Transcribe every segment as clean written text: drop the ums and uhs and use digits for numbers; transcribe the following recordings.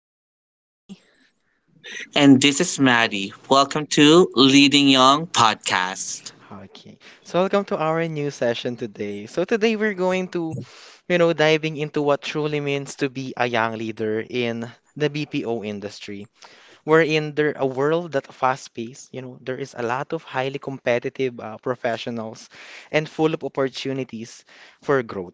This is Clydie. And this is Maddie. Welcome to Leading Young Podcast. Okay, so welcome to our new session today. So today we're going to, you know, diving into what truly means to be a young leader in the BPO industry. We're in there a world that fast-paced. You know, there is a lot of highly competitive professionals and full of opportunities for growth.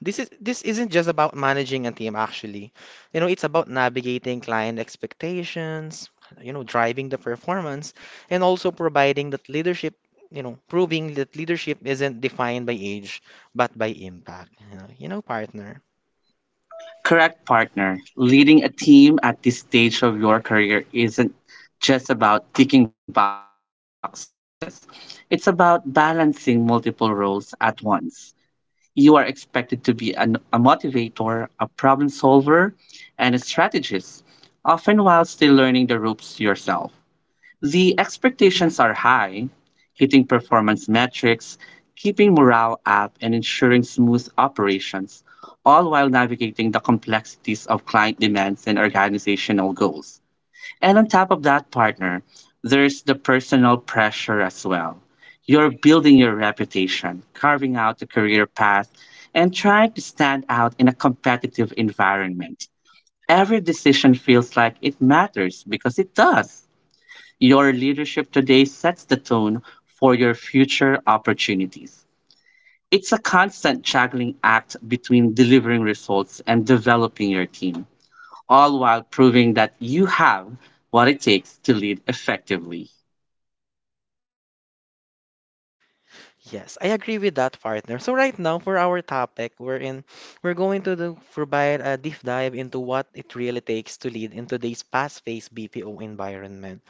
This isn't just about managing a team actually. You know, it's about navigating client expectations, driving the performance and also providing that leadership, proving that leadership isn't defined by age but by impact. You know, partner. Correct, partner. Leading a team at this stage of your career isn't just about ticking boxes, it's about balancing multiple roles at once. You are expected to be a motivator, a problem solver, and a strategist, often while still learning the ropes yourself. The expectations are high, hitting performance metrics, keeping morale up, and ensuring smooth operations, all while navigating the complexities of client demands and organizational goals. And on top of that, partner, there's the personal pressure as well. You're building your reputation, carving out a career path, and trying to stand out in a competitive environment. Every decision feels like it matters because it does. Your leadership today sets the tone for your future opportunities. It's a constant juggling act between delivering results and developing your team, all while proving that you have what it takes to lead effectively. Yes, I agree with that, partner. So right now for our topic, we're in we're going to do, provide a deep dive into what it really takes to lead in today's fast-paced BPO environment.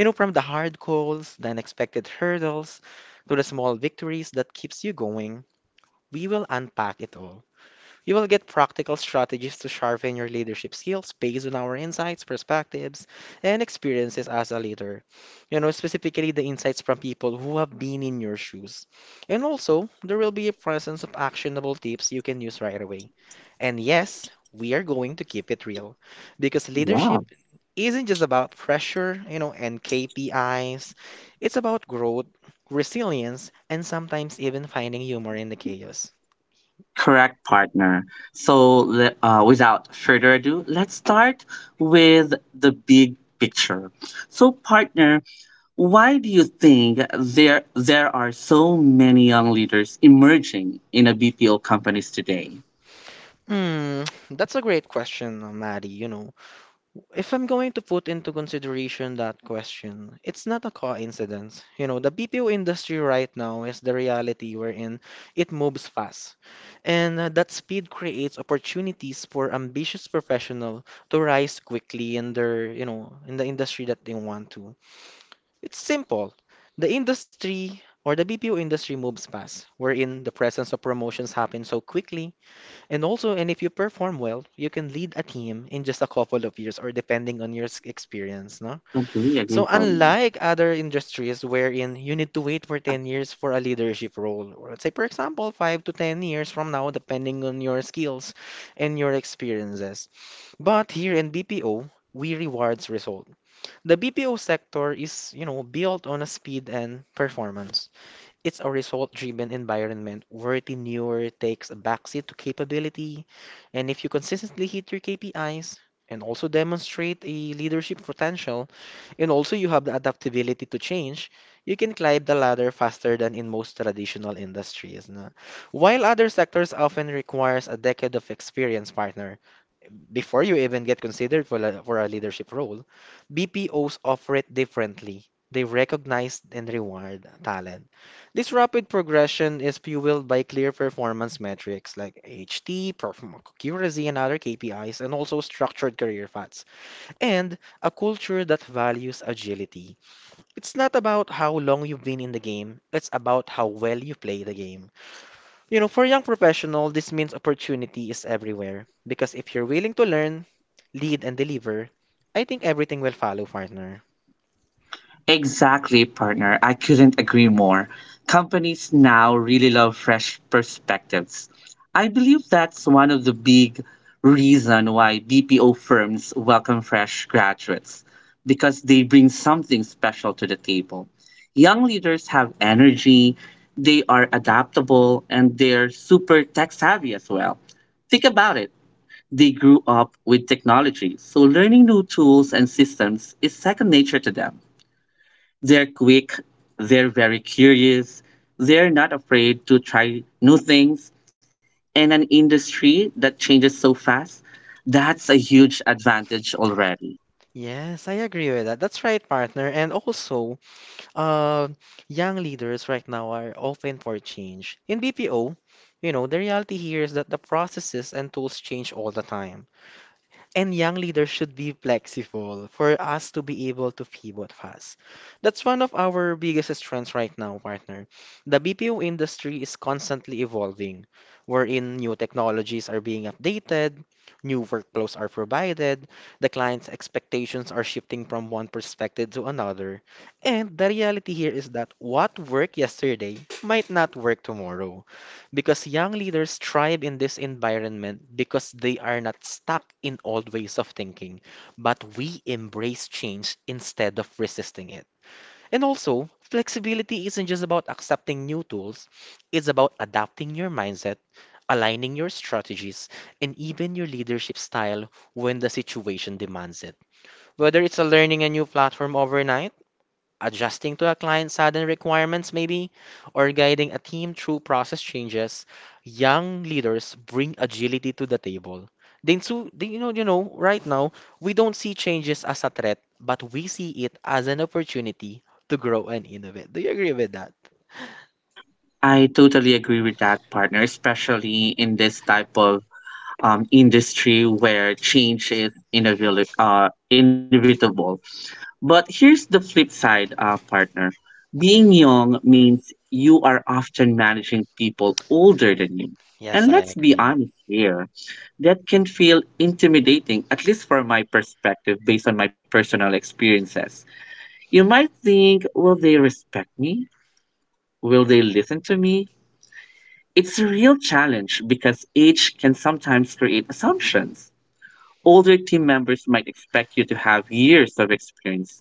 You know, from the hard goals, the unexpected hurdles, to the small victories that keeps you going, we will unpack it all. You will get practical strategies to sharpen your leadership skills based on our insights, perspectives, and experiences as a leader. You know, specifically the insights from people who have been in your shoes. And also, there will be a presence of actionable tips you can use right away. And yes, we are going to keep it real because Yeah. leadership isn't just about pressure, and KPIs. It's about growth, resilience, and sometimes even finding humor in the chaos. Correct, partner. So, without further ado, let's start with the big picture. So, partner, why do you think there are so many young leaders emerging in ABPO companies today? Hmm, that's a great question, Maddie. You know, if I'm going to put into consideration that question, it's not a coincidence. You know, the BPO industry right now is the reality we're in. It moves fast, and that speed creates opportunities for ambitious professional to rise quickly in their, you know, in the industry that they want to. It's simple. The industry or the BPO industry moves fast, wherein the presence of promotions happen so quickly and also, and if you perform well, you can lead a team in just a couple of years or depending on your experience, no? Okay, yeah, So great partner. unlike other industries wherein you need to wait for 10 years for a leadership role, or let's say for example, 5 to 10 years from now depending on your skills and your experiences. But here in BPO, we rewards result. The BPO sector is, you know, built on a speed and performance. It's a result-driven environment where tenure takes a backseat to capability, and if you consistently hit your KPIs and also demonstrate a leadership potential, and also you have the adaptability to change, you can climb the ladder faster than in most traditional industries. No? While other sectors often requires a decade of experience, partner, before you even get considered for a leadership role, BPOs offer it differently. They recognize and reward talent. This rapid progression is fueled by clear performance metrics like HT, accuracy, and other KPIs, and also structured career paths, and a culture that values agility. It's not about how long you've been in the game, it's about how well you play the game. You know, for young professional, this means opportunity is everywhere. Because if you're willing to learn, lead, and deliver, I think everything will follow, partner. Exactly, partner. I couldn't agree more. Companies now really love fresh perspectives. I believe that's one of the big reason why BPO firms welcome fresh graduates because they bring something special to the table. Young leaders have energy, they are adaptable, and they're super tech savvy as well. Think about it. They grew up with technology, so learning new tools and systems is second nature to them. They're quick, they're very curious, they're not afraid to try new things. In an industry that changes so fast, that's a huge advantage already. Yes, I agree with that. That's right, partner. And also, uh, young leaders right now are open for change. In BPO, you know, the reality here is that the processes and tools change all the time. And young leaders should be flexible for us to be able to pivot fast. That's one of our biggest strengths right now, partner. The BPO industry is constantly evolving, wherein new technologies are being updated, new workflows are provided, the client's expectations are shifting from one perspective to another. And the reality here is that what worked yesterday might not work tomorrow. Because young leaders thrive in this environment because they are not stuck in old ways of thinking, but we embrace change instead of resisting it. And also, flexibility isn't just about accepting new tools, it's about adapting your mindset, aligning your strategies, and even your leadership style when the situation demands it. Whether it's a learning a new platform overnight, adjusting to a client's sudden requirements, maybe, or guiding a team through process changes, young leaders bring agility to the table. Then, so, they- you know, right now, we don't see changes as a threat, but we see it as an opportunity to grow and innovate. Do you agree with that? I totally agree with that, partner, especially in this type of industry where change is inevitable, inevitable. But here's the flip side, partner. Being young means you are often managing people older than you. Yes, And I let's be agree. honest here, that can feel intimidating, at least from my perspective, based on my personal experiences. You might think, will they respect me? Will they listen to me? It's a real challenge because age can sometimes create assumptions. Older team members might expect you to have years of experience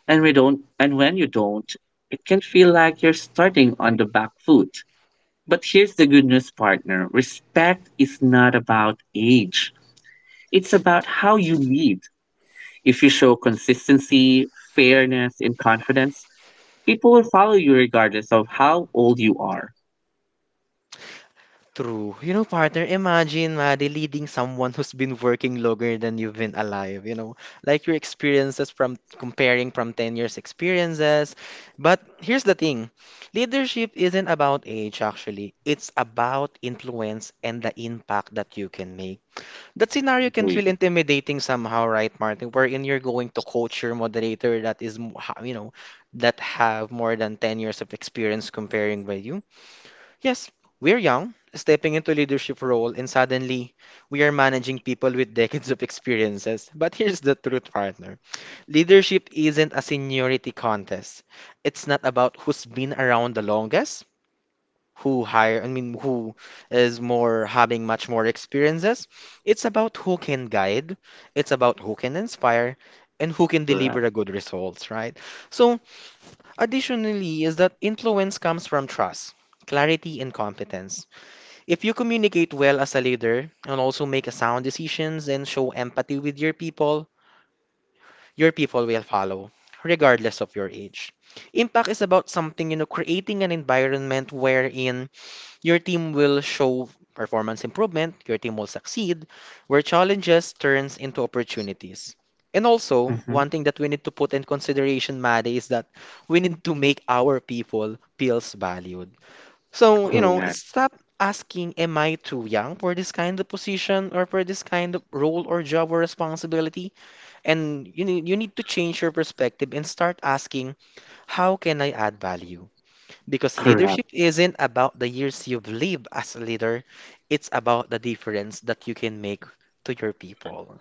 and we don't, and when you don't, it can feel like you're starting on the back foot. But here's the good news, partner. Respect is not about age. It's about how you lead. If you show consistency, fairness, and confidence, people will follow you regardless of how old you are. True. You know, partner, imagine, Maddie, leading someone who's been working longer than you've been alive, you know, like your experiences from comparing from 10 years' experiences. But here's the thing, leadership isn't about age, actually. It's about influence and the impact that you can make. That scenario can Agree. feel intimidating somehow, right, Martin? Wherein you're going to coach your moderator that is, you know, that have more than 10 years of experience comparing with you. Yes, we're young, stepping into leadership role, and suddenly we are managing people with decades of experiences. But here's the truth, partner. Leadership isn't a seniority contest. It's not about who's been around the longest, who hire, I mean, who is more having much more experiences. It's about who can guide, it's about who can inspire, and who can Correct. deliver a good results, right? So, additionally, is that influence comes from trust, clarity, and competence. If you communicate well as a leader and also make sound decisions and show empathy with your people will follow, regardless of your age. Impact is about something, you know, creating an environment wherein your team will show performance improvement, your team will succeed, where challenges turns into opportunities. And also, Hmm. one thing that we need to put in consideration, Maddie, is that we need to make our people feels valued so, you know, Correct. stop asking, am I too young for this kind of position or for this kind of role or job or responsibility? And you need to change your perspective and start asking, how can I add value? Because Correct. leadership isn't about the years you've lived as a leader, it's about the difference that you can make to your people.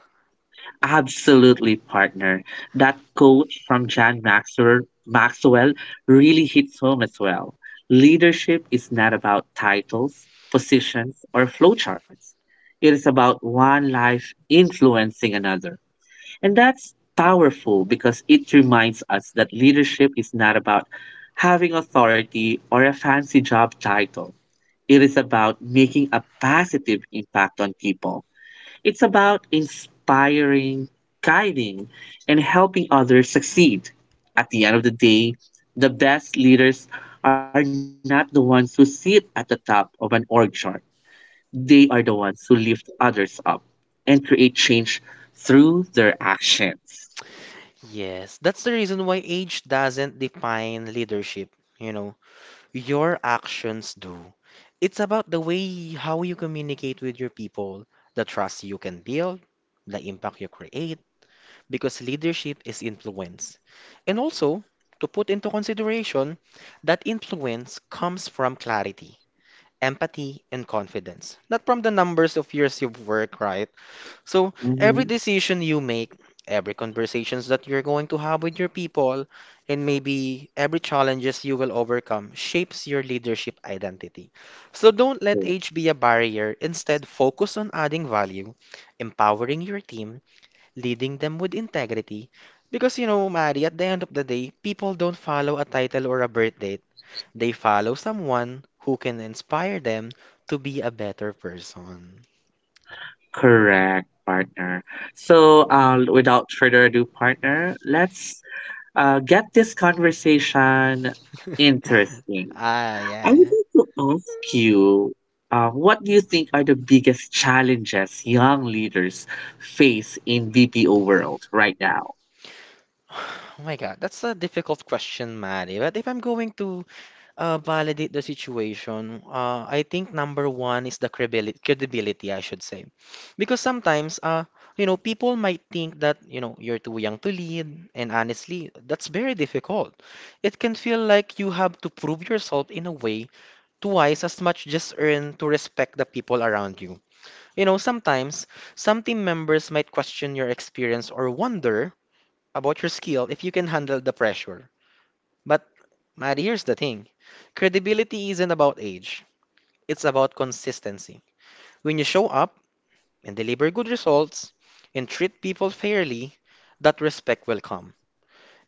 Absolutely, partner. That quote from John Maxwell really hits home as well. Leadership is not about titles, positions, or flowcharts. It is about one life influencing another. And that's powerful because it reminds us that leadership is not about having authority or a fancy job title. It is about making a positive impact on people. It's about inspiring, guiding, and helping others succeed. At the end of the day, the best leaders are not the ones who sit at the top of an org chart. They are the ones who lift others up and create change through their actions. Yes, that's the reason why age doesn't define leadership. You know, your actions do. It's about the way how you communicate with your people, the trust you can build, the impact you create, because leadership is influence. And also, to put into consideration, that influence comes from clarity, empathy, and confidence, not from the numbers of years you've worked, right? So every Mhm. decision you make, every conversations that you're going to have with your people, and maybe every challenges you will overcome shapes your leadership identity. So don't let age be a barrier. Instead, focus on adding value, empowering your team, leading them with integrity. Because you know, Mari, at the end of the day, people don't follow a title or a birth date. They follow someone who can inspire them to be a better person. Correct, partner. So, without further ado, partner, let's get this conversation interesting. Ah, I would yeah. like to ask you, what do you think are the biggest challenges young leaders face in BPO world right now? Oh my God, that's a difficult question, Mari. But if I'm going to validate the situation, I think number one is the credibility, I should say. Because sometimes, you know, people might think that, you know, you're too young to lead. And honestly, that's very difficult. It can feel like you have to prove yourself in a way twice as much just earn to respect the people around you. You know, sometimes some team members might question your experience or wonder about your skill if you can handle the pressure. But Matt, here's the thing. Credibility isn't about age. It's about consistency. When you show up and deliver good results and treat people fairly, that respect will come.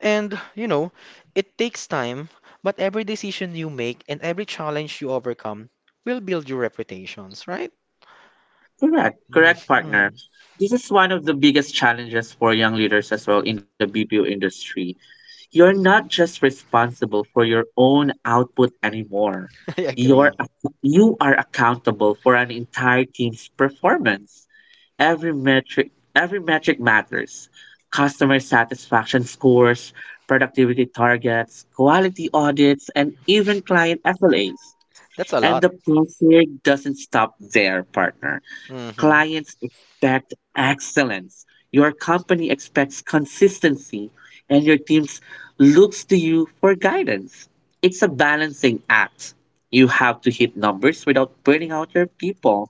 And, you know, it takes time, but every decision you make and every challenge you overcome will build your reputations, right? Correct, correct, partner. Mhm. This is one of the biggest challenges for young leaders as well in the BPO industry. You're not just responsible for your own output anymore. I agree. You are accountable for an entire team's performance. Every metric matters. Customer satisfaction scores, productivity targets, quality audits, and even client SLAs. That's a And lot. the pressure doesn't stop there, partner. Hmm. Clients expect excellence. Your company expects consistency, and your team looks to you for guidance. It's a balancing act. You have to hit numbers without burning out your people,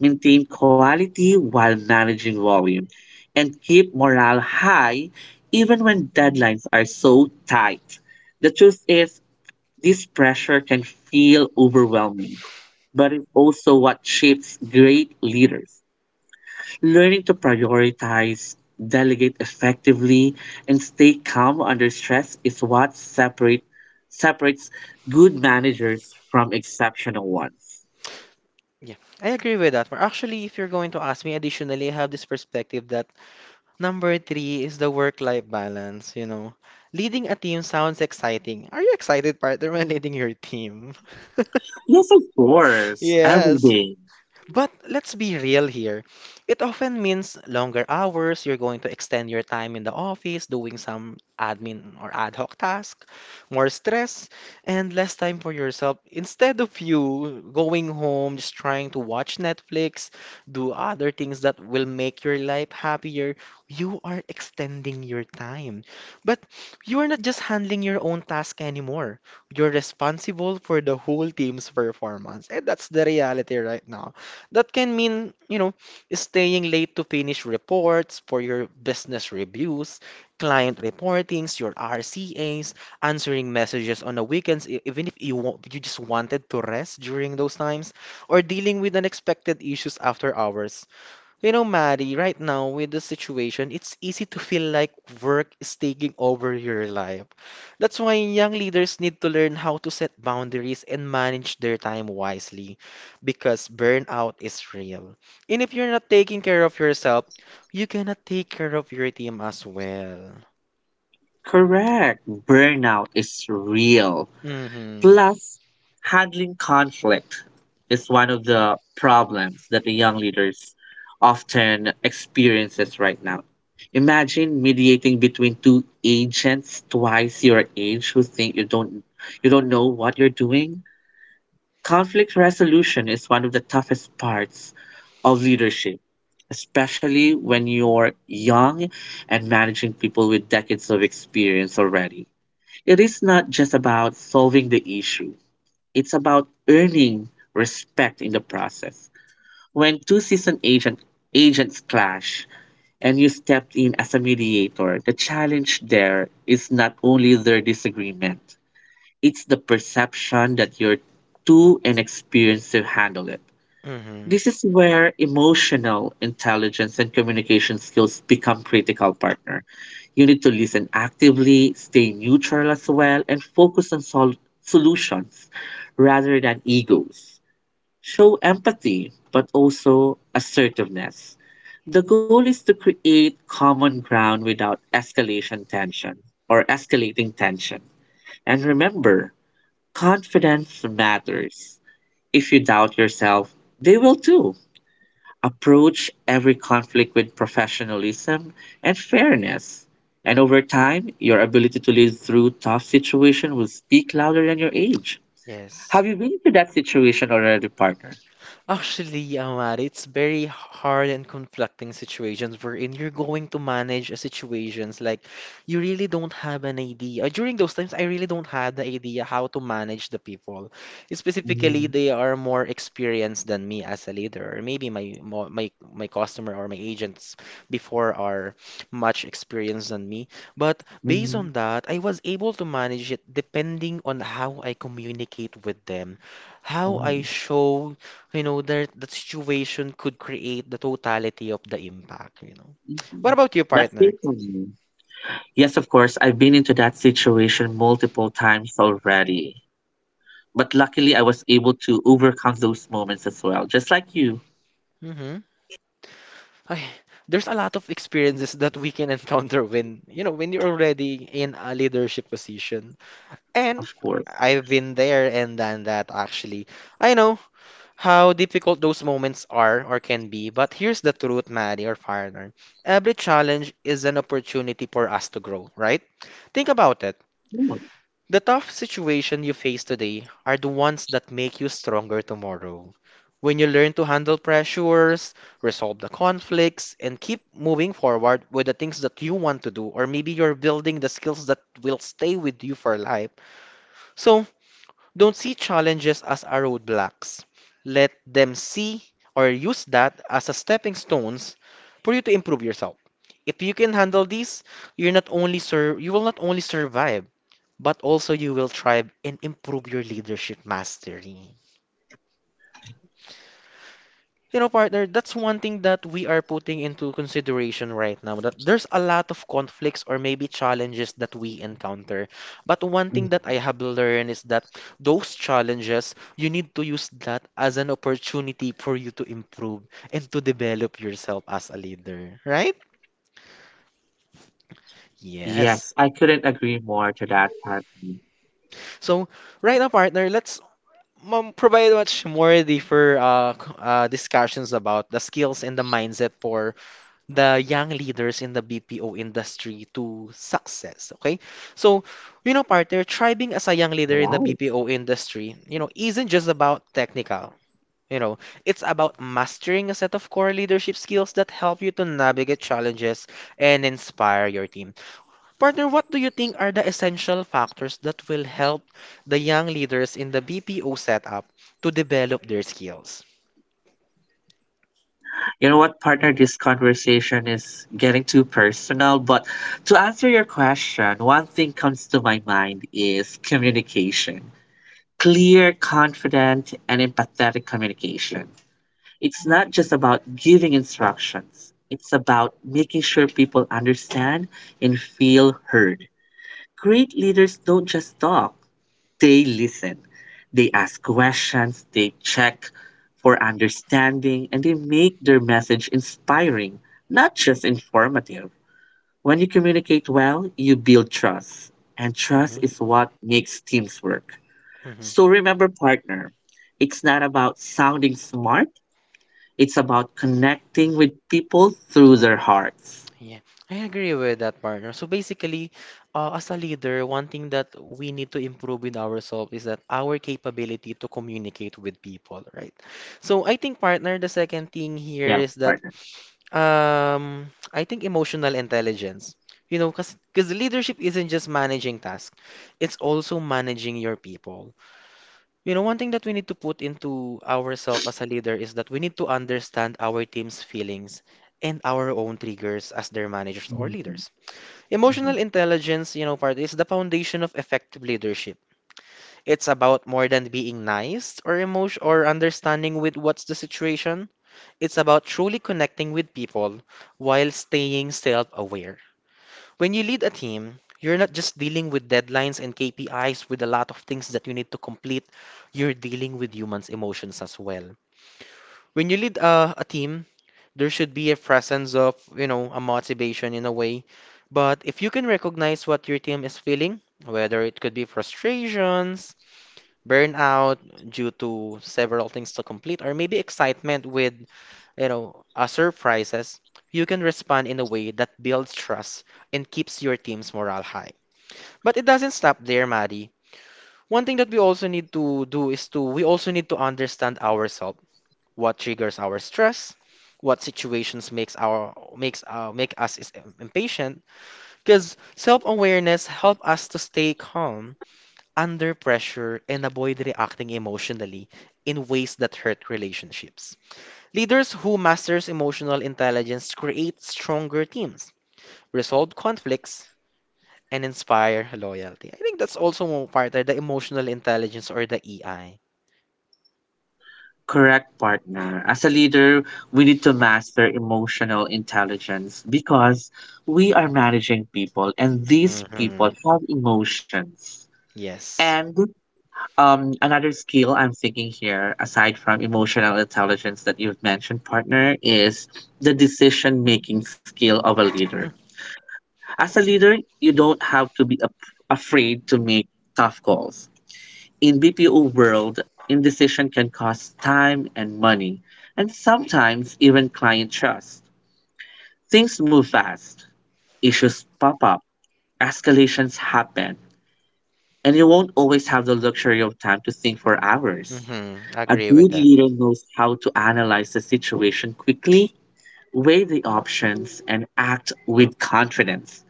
maintain quality while managing volume, and keep morale high even when deadlines are so tight. The truth is, this pressure can feel overwhelming but it's also what shapes great leaders. Learning to prioritize, delegate effectively, and stay calm under stress is what separates good managers from exceptional ones. Yeah, I agree with that. But actually, if you're going to ask me additionally, I have this perspective that number three is the work-life balance, you know. Leading a team sounds exciting. Are you excited, partner, when leading your team? Yes, of course, every Yes. day. But let's be real here. It often means longer hours. You're going to extend your time in the office doing some admin or ad hoc task, more stress, and less time for yourself. Instead of you going home, just trying to watch Netflix, do other things that will make your life happier, you are extending your time. But you are not just handling your own task anymore. You're responsible for the whole team's performance. And that's the reality right now. That can mean, you know, staying late to finish reports for your business reviews, client reportings, your RCAs, answering messages on the weekends, even if you just wanted to rest during those times, or dealing with unexpected issues after hours. You know, Maddie, right now with the situation, it's easy to feel like work is taking over your life. That's why young leaders need to learn how to set boundaries and manage their time wisely because burnout is real. And if you're not taking care of yourself, you cannot take care of your team as well. Correct. Burnout is real. Mm-hmm. Plus, handling conflict is one of the problems that the young leaders often experiences right now. Imagine mediating between two agents twice your age who think you don't know what you're doing. Conflict resolution is one of the toughest parts of leadership, especially when you're young and managing people with decades of experience already. It is not just about solving the issue, it's about earning respect in the process. When agents clash and you step in as a mediator, the challenge there is not only their disagreement, it's the perception that you're too inexperienced to handle it. Mm-hmm. This is where emotional intelligence and communication skills become critical partner. You need to listen actively, stay neutral as well, and focus on solutions rather than egos. Show empathy, but also assertiveness. The goal is to create common ground without escalation tension or escalating tension. And remember, confidence matters. If you doubt yourself, they will too. Approach every conflict with professionalism and fairness. And over time, your ability to live through tough situations will speak louder than your age. Yes. Have you been to that situation already, partner? Actually, Amar, it's very hard and conflicting situations wherein you're going to manage a situations like you really don't have an idea. During those times, I really don't have the idea how to manage the people. Specifically, Mhm, they are more experienced than me as a leader, or maybe my customer or my agents before are much experienced than me. But based mhm, on that, I was able to manage it depending on how I communicate with them, how I mhm, show that that situation could create the totality of the impact, you know. What mhm. about you, That's partner? big for me. Yes, of course, I've been into that situation multiple times already. But luckily, I was able to overcome those moments as well, just like you, Mm-hmm. Ay, there's a lot of experiences that we can encounter when, when you're already in a leadership position. And of course. I've been there and done that actually. I know how difficult those moments are or can be, but here's the truth, Maddie or partner. Every challenge is an opportunity for us to grow, right? Think about it. The tough situation you face today are the ones that make you stronger tomorrow. When you learn to handle pressures, resolve the conflicts, and keep moving forward with the things that you want to do, or maybe you're building the skills that will stay with you for life. So don't see challenges as a roadblocks. Let them see or use that as a stepping stones for you to improve yourself. If you can handle these, you will not only survive, but also you will thrive and improve your leadership mastery. You know, partner, that's one thing that we are putting into consideration right now. That there's a lot of conflicts or maybe challenges that we encounter. But one thing that I have learned is that those challenges, you need to use that as an opportunity for you to improve and to develop yourself as a leader, right? Yes. Yes, I couldn't agree more to that, Patty. So, right now, partner, let's provide much more deeper discussions about the skills and the mindset for the young leaders in the BPO industry to success. Okay, so you know, partner, thriving as a young leader Right. in the BPO industry, you know, isn't just about technical. You know, it's about mastering a set of core leadership skills that help you to navigate challenges and inspire your team. Partner, what do you think are the essential factors that will help the young leaders in the BPO setup to develop their skills? You know what, partner? This conversation is getting too personal, but to answer your question, one thing comes to my mind is communication. Clear, confident, and empathetic communication. It's not just about giving instructions, it's about making sure people understand and feel heard. Great leaders don't just talk, they listen, they ask questions, they check for understanding, and they make their message inspiring, not just informative. When you communicate well, you build trust, and Mm-hmm. trust is what makes teams work. Mm-hmm. So remember, partner, it's not about sounding smart, it's about connecting with people through their hearts. Yeah, I agree with that, partner. So basically, as a leader, one thing that we need to improve in ourselves is that our capability to communicate with people, right? So I think, partner, the second thing here is Yes, that partner. I think emotional intelligence. You know, because leadership isn't just managing tasks, it's also managing your people. You know, one thing that we need to put into ourselves as a leader is that we need to understand our team's feelings and our own triggers as their managers or leaders. Hmm. Emotional intelligence, you know, part is the foundation of effective leadership. It's about more than being nice or emotion or understanding with what's the situation. It's about truly connecting with people while staying self aware. When you lead a team, you're not just dealing with deadlines and KPIs with a lot of things that you need to complete, you're dealing with humans' emotions as well. When you lead a team, there should be a presence of, you know, a motivation in a way. But if you can recognize what your team is feeling, whether it could be frustrations, burnout due to several things to complete, or maybe excitement with you know, surprises, you can respond in a way that builds trust and keeps your team's morale high. But it doesn't stop there, Maddie. One thing that we also need to do is to we also need to understand ourselves, what triggers our stress, what situations makes our makes make us is impatient, because self-awareness help us to stay calm under pressure and avoid reacting emotionally in ways that hurt relationships. Leaders who masters emotional intelligence create stronger teams, resolve conflicts, and inspire loyalty. I think that's also one part of the emotional intelligence or the EI. Correct, partner. As a leader, we need to master emotional intelligence because we are managing people and these people Hmm. have emotions. Yes. And another skill I'm thinking here, aside from emotional intelligence that you've mentioned, partner, is the decision making skill of a leader. As a leader, you don't have to be afraid to make tough calls. In BPO world, indecision can cost time and money, and sometimes even client trust. Things move fast, issues pop up, escalations happen, and you won't always have the luxury of time to think for hours. Mm-hmm. A Agree with good that. leader knows how to analyze the situation quickly, weigh the options, and act with confidence.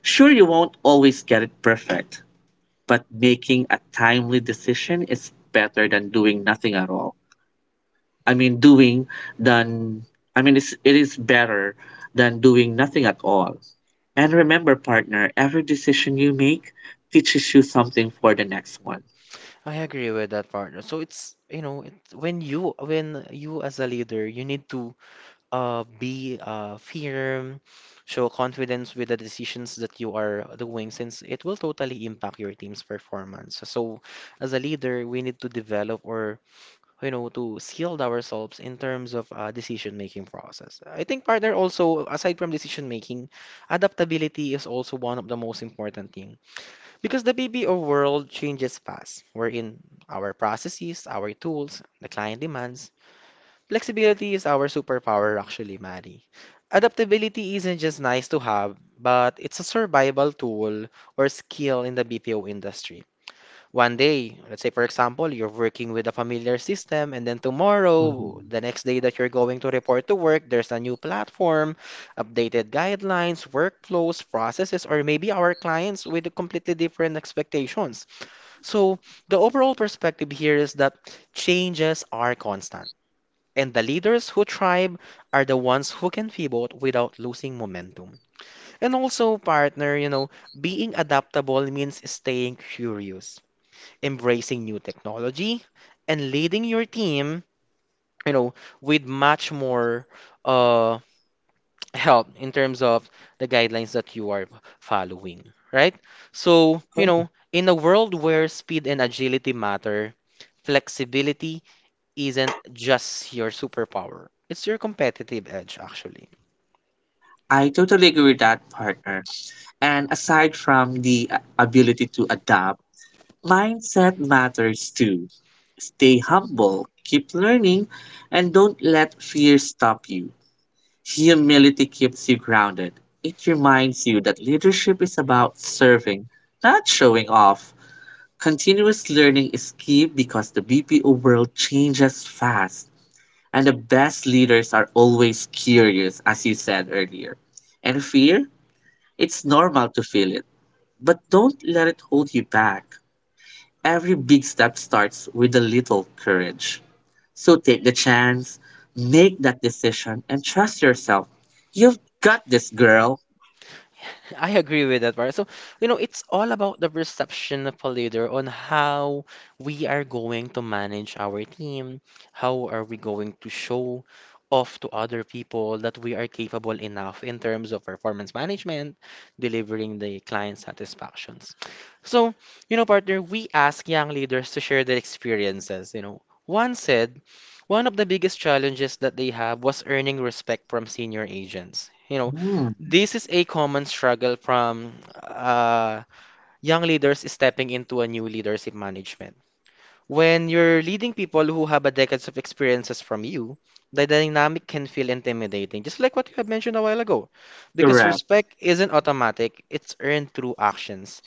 Sure, you won't always get it perfect, but making a timely decision is better than doing nothing at all. I mean, doing than I mean, it's, it is better than doing nothing at all. And remember, partner, every decision you make teaches you something for the next one. I agree with that partner. So it's you know it's when you as a leader you need to be firm, show confidence with the decisions that you are doing, since it will totally impact your team's performance. So, as a leader, we need to develop or you know to shield ourselves in terms of decision-making process. I think partner also, aside from decision-making, adaptability is also one of the most important thing because the BPO world changes fast. We're in our processes, our tools, the client demands. Flexibility is our superpower, actually, Maddie. Adaptability isn't just nice to have, but it's a survival tool or skill in the BPO industry. One day, let's say, for example, you're working with a familiar system, and then tomorrow, Mhm. the next day that you're going to report to work, there's a new platform, updated guidelines, workflows, processes, or maybe our clients with completely different expectations. So, the overall perspective here is that changes are constant. And the leaders who thrive are the ones who can pivot without losing momentum. And also, partner, you know, being adaptable means staying curious, embracing new technology, and leading your team, you know, with much more uh, help in terms of the guidelines that you are following, right? So, you Oh, know, in a world where speed and agility matter, flexibility isn't just your superpower, it's your competitive edge, actually. I totally agree with that, partner. And aside from the ability to adapt, mindset matters too. Stay humble, keep learning, and don't let fear stop you. Humility keeps you grounded. It reminds you that leadership is about serving, not showing off. Continuous learning is key because the BPO world changes fast, and the best leaders are always curious, as you said earlier. And fear, it's normal to feel it, but don't let it hold you back. Every big step starts with a little courage. So take the chance, make that decision, and trust yourself. You've got this, girl. I agree with that part. So, you know, it's all about the perception of a leader on how we are going to manage our team, how are we going to show off to other people that we are capable enough in terms of performance management, delivering the client satisfactions. So, you know, partner, we ask young leaders to share their experiences. You know, one of the biggest challenges that they have was earning respect from senior agents. You know, Mm, this is a common struggle from uh, young leaders stepping into a new leadership management. When you're leading people who have a decades of experiences from you, the dynamic can feel intimidating, just like what you have mentioned a while ago. Because correct. respect isn't automatic, it's earned through actions,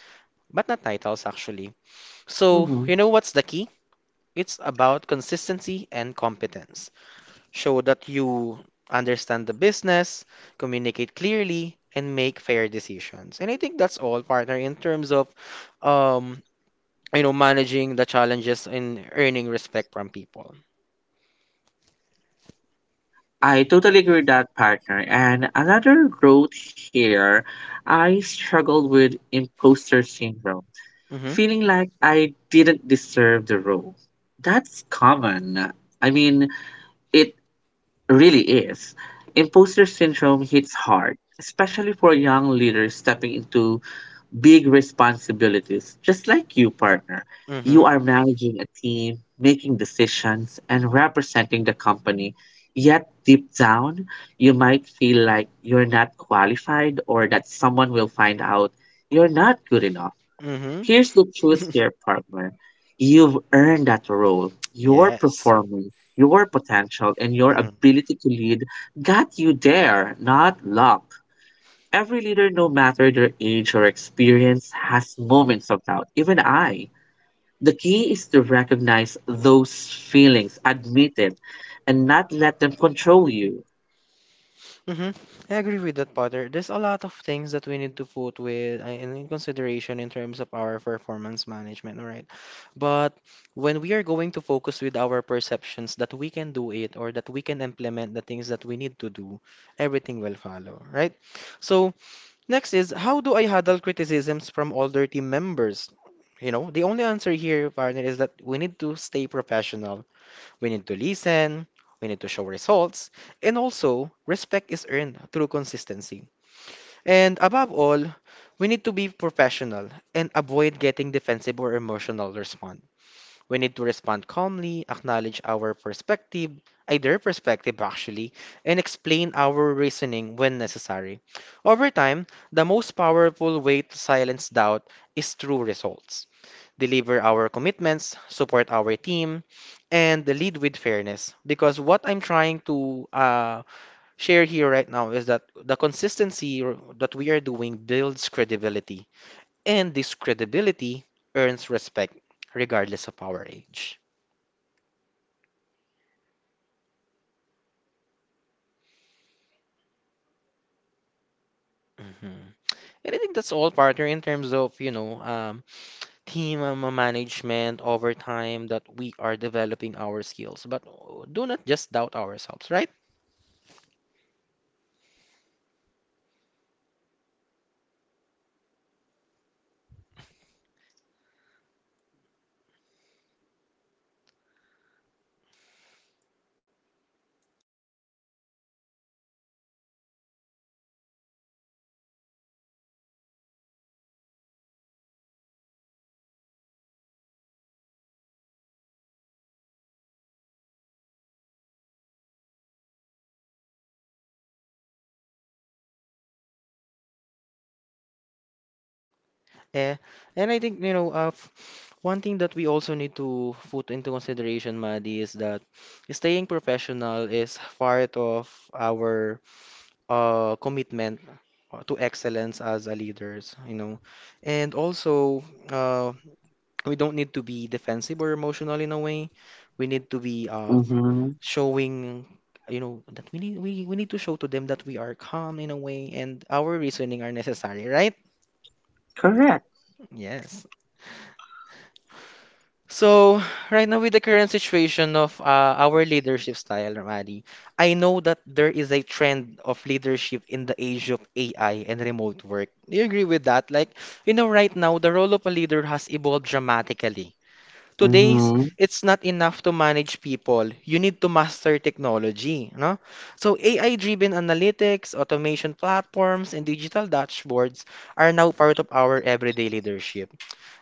but not titles actually. So, Mhm. you know what's the key? It's about consistency and competence. Show that you understand the business, communicate clearly, and make fair decisions. And I think that's all, partner, in terms of um, you know, managing the challenges and earning respect from people. I totally agree with that partner. And another road here, I struggled with imposter syndrome, Mm-hmm. feeling like I didn't deserve the role. That's common. I mean, it really is. Imposter syndrome hits hard, especially for young leaders stepping into big responsibilities, just like you, partner. Mm-hmm. You are managing a team, making decisions, and representing the company. Yet, deep down, you might feel like you're not qualified or that someone will find out you're not good enough. Here's Mm-hmm. the truth here, partner. You've earned that role. Your Yes. performance, your potential, and your Mm-hmm. ability to lead got you there, not luck. Every leader, no matter their age or experience, has moments of doubt. Even I. The key is to recognize those feelings, admit it, and not let them control you. Hmm. I agree with that, Potter. There's a lot of things that we need to put with in consideration in terms of our performance management, right? But when we are going to focus with our perceptions that we can do it or that we can implement the things that we need to do, everything will follow, right? So next is how do I handle criticisms from older team members? You know, the only answer here, partner, is that we need to stay professional, we need to listen, we need to show results, and also respect is earned through consistency. And above all, we need to be professional and avoid getting defensive or emotional response. We need to respond calmly, acknowledge our perspective, either perspective actually, and explain our reasoning when necessary. Over time, the most powerful way to silence doubt is through results, deliver our commitments, support our team, and lead with fairness. Because what I'm trying to share here right now is that the consistency that we are doing builds credibility, and this credibility earns respect regardless of our age. I agree with that, partner. You know what? Just to share as Mhm. a And I think pageant that's all, fan. partner, in terms of, you know, team Mm-hmm, management over time that mm-hmm. we are developing our skills. But do not just doubt ourselves, right? Yes, correct. Actually, just what I'm saying earlier, partner, as a pageant fan, criticism or the terminology criticism is very rampant. And one thing I've learned from pageant is to separate constructive criticism to non-constructive criticism. Because if you were able to gain only the constructive criticism, you will be able to assess yourself and also develop yourself as a as a young leader nowadays. Yeah. And I think, you know, one thing that we also need to put into consideration, Maddie, is that staying professional is part of our commitment to excellence as a leaders, you know. And also, uh, we don't need to be defensive or emotional in a way. We need to be Mm-hmm. Showing, you know, that we need to show to them that we are calm in a way and our reasoning are necessary, right? Correct. Yes. So, right now with the current situation of our leadership style, Ramadi, I know that there is a trend of leadership in the age of AI and remote work. Do you agree with that? Right now, the role of a leader has evolved dramatically. Today's, Mm-hmm. it's not enough to manage people. You need to master technology, no? So AI-driven analytics, automation platforms, and digital dashboards are now part of our everyday leadership.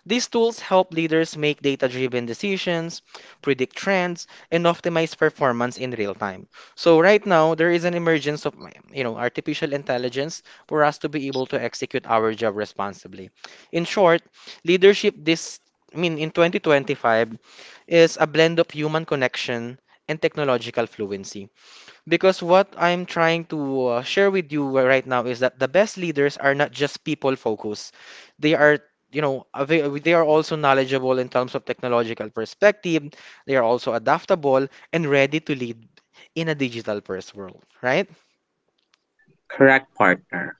These tools help leaders make data driven decisions, predict trends, and optimize performance in real time. So right now there is an emergence of, you know, artificial intelligence for us to be able to execute our job responsibly. In short, leadership this I mean in 2025 is a blend of human connection and technological fluency. Because what I'm trying to share with you right now is that the best leaders are not just people focused. They are, you know, they are also knowledgeable in terms of technological perspective. They are also adaptable and ready to lead in a digital first world, right? Correct partner,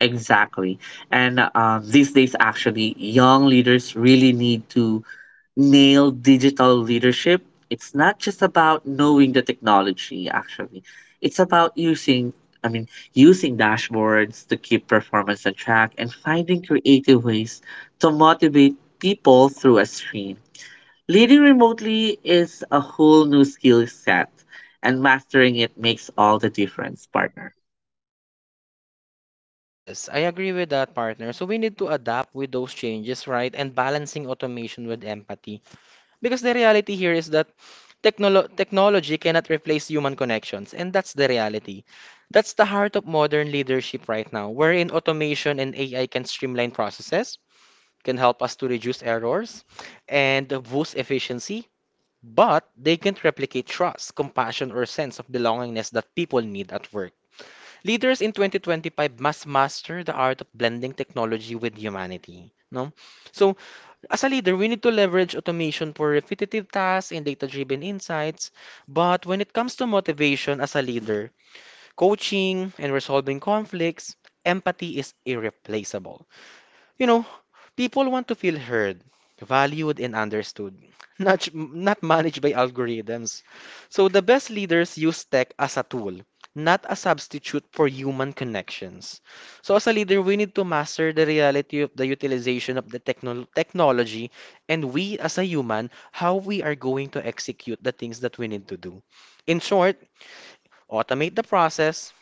exactly. And these days actually young leaders really need to nail digital leadership, it's not just about knowing the technology actually. It's about using I mean using dashboards to keep performance on track and finding creative ways to motivate people through a screen. Leading remotely is a whole new skill set and mastering it makes all the difference, partner. Yes, I agree with that, partner. So we need to adapt with those changes, right? And balancing automation with empathy. Because the reality here is that technology cannot replace human connections, and that's the reality. That's the heart of modern leadership right now, wherein automation and AI can streamline processes, can help us to reduce errors, and boost efficiency, but they can't replicate trust, compassion, or sense of belongingness that people need at work. Leaders in 2025 must master the art of blending technology with humanity. No? So as a leader, we need to leverage automation for repetitive tasks and data-driven insights. But when it comes to motivation as a leader, coaching and resolving conflicts, empathy is irreplaceable. You know, people want to feel heard, valued, and understood, not managed by algorithms. So the best leaders use tech as a tool, not a substitute for human connections. So as a leader, we need to master the reality of the utilization of the technology and we as a human, how we are going to execute the things that we need to do. In short, automate the process,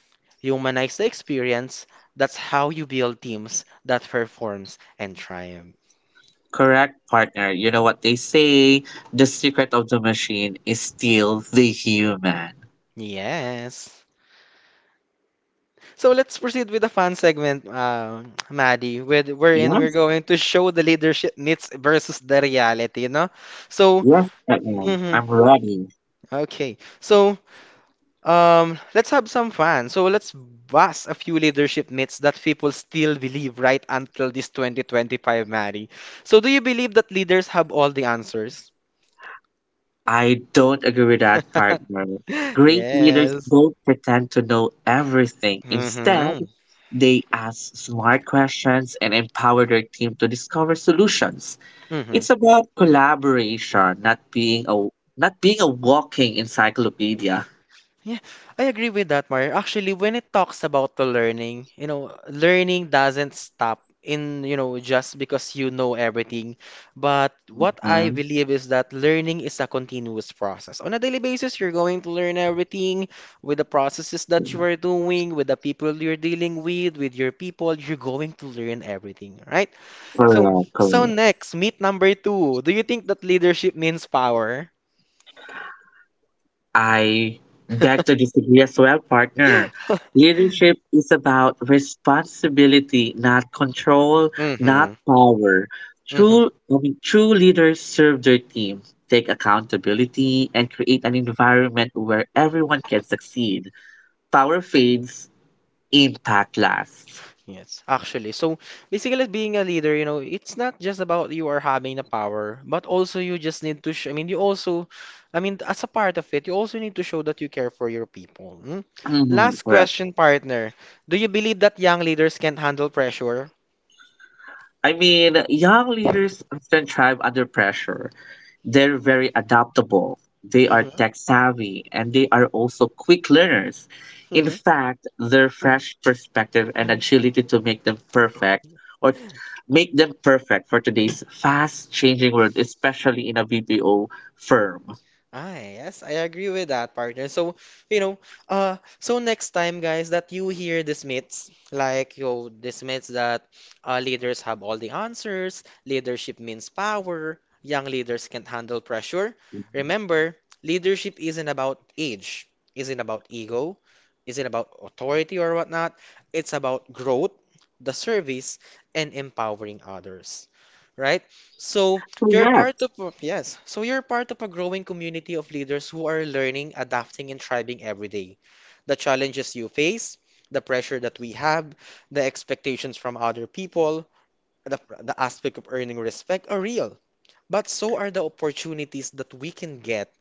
humanize the experience. That's how you build teams that performs and triumph. Correct, partner. You know what they say, the secret of the machine is still the human. Yes. So let's proceed with the fun segment, Maddie, with wherein Yeah. we're going to show the leadership myths versus the reality, you know? So, Yes, I am. mhm, I'm ready. okay. So, let's have some fun. So let's bust a few leadership myths that people still believe right until this 2025, Maddie. So do you believe that leaders have all the answers? I don't agree with that, partner. Great leaders Yes. don't pretend to know everything. Instead, Mm-hmm. they ask smart questions and empower their team to discover solutions. Mm-hmm. It's about collaboration, not being a walking encyclopedia. Yeah, I agree with that, Mario. Actually, when it talks about the learning, you know, learning doesn't stop in, you know, just because you know everything. But what I Mhm. believe is that learning is a continuous process. On a daily basis, you're going to learn everything with the processes that you are doing, with the people you're dealing with your people, you're going to learn everything, right? So, Correct, so correct. next, myth number two. Do you think that leadership means power? I beg to disagree as well, partner. Leadership is about responsibility, not control, not Mm-hmm. power. True leaders serve their team, take accountability, and create an environment where everyone can succeed. Power fades, impact lasts. Yes, actually. So basically, being a leader, you know, it's not just about you are having the power, but also you just need to, I mean, you also, I mean, as a part of it, you also need to show that you care for your people. Hmm? Mhm, Last correct. question, partner. Do you believe that young leaders can not handle pressure? I mean, young leaders often thrive under pressure. They're very adaptable, they are Hmm. tech savvy, and they are also quick learners. In fact, their fresh perspective and agility to or make them perfect for today's fast changing world, especially in a BPO firm. Ah, yes, I agree with that, partner. So, you know, so next time, guys, that you hear these myths, like, yo, these myths that leaders have all the answers, leadership means power, young leaders can't handle pressure. Remember, leadership isn't about age, isn't about ego, isn't about authority or whatnot. It's about growth, the service, and empowering others, right? So, you're part Correct. Yes, so you're part of a growing community of leaders who are learning, adapting, and thriving every day. The challenges you face, the pressure that we have, the expectations from other people, the aspect of earning respect are real. But so are the opportunities that we can get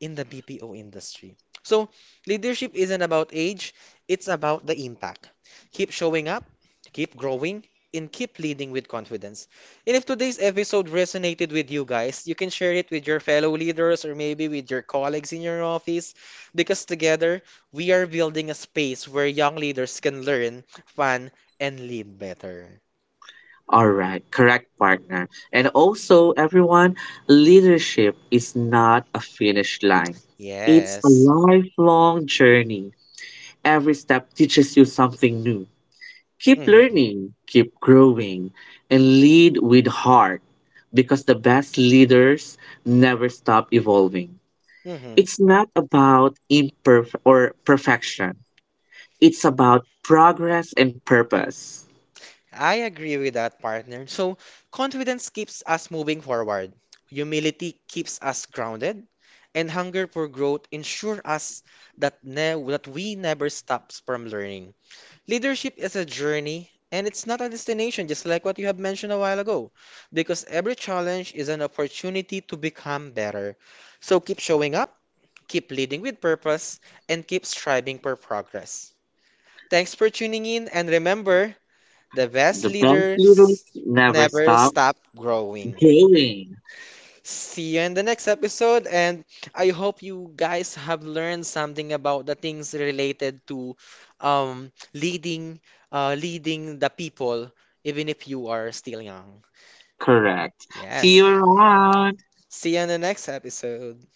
in the BPO industry. So, leadership isn't about age, it's about the impact. Keep showing up, keep growing, and keep leading with confidence. And if today's episode resonated with you guys, you can share it with your fellow leaders or maybe with your colleagues in your office because together we are building a space where young leaders can learn, fun, and lead better. All right, correct partner. And also, everyone, leadership is not a finish line. It's a Yes. lifelong journey. Every step teaches you something new. Keep Hmm. learning, keep growing, and lead with heart because the best leaders never stop evolving. Hmm. It's not about imperf or perfection. It's about progress and purpose. I agree with that, partner. So, confidence keeps us moving forward, humility keeps us grounded, and hunger for growth ensure us that we never stops from learning. Leadership is a journey and it's not a destination, just like what you have mentioned a while ago, because every challenge is an opportunity to become better. So, keep showing up, keep leading with purpose, and keep striving for progress. Thanks for tuning in, and remember, the best The best leaders leaders never never stop stop growing. growing. See you in the next episode, and I hope you guys have learned something about the things related to leading, leading the people, even if you are still young. Correct. See Yes. you around. See you in the next episode.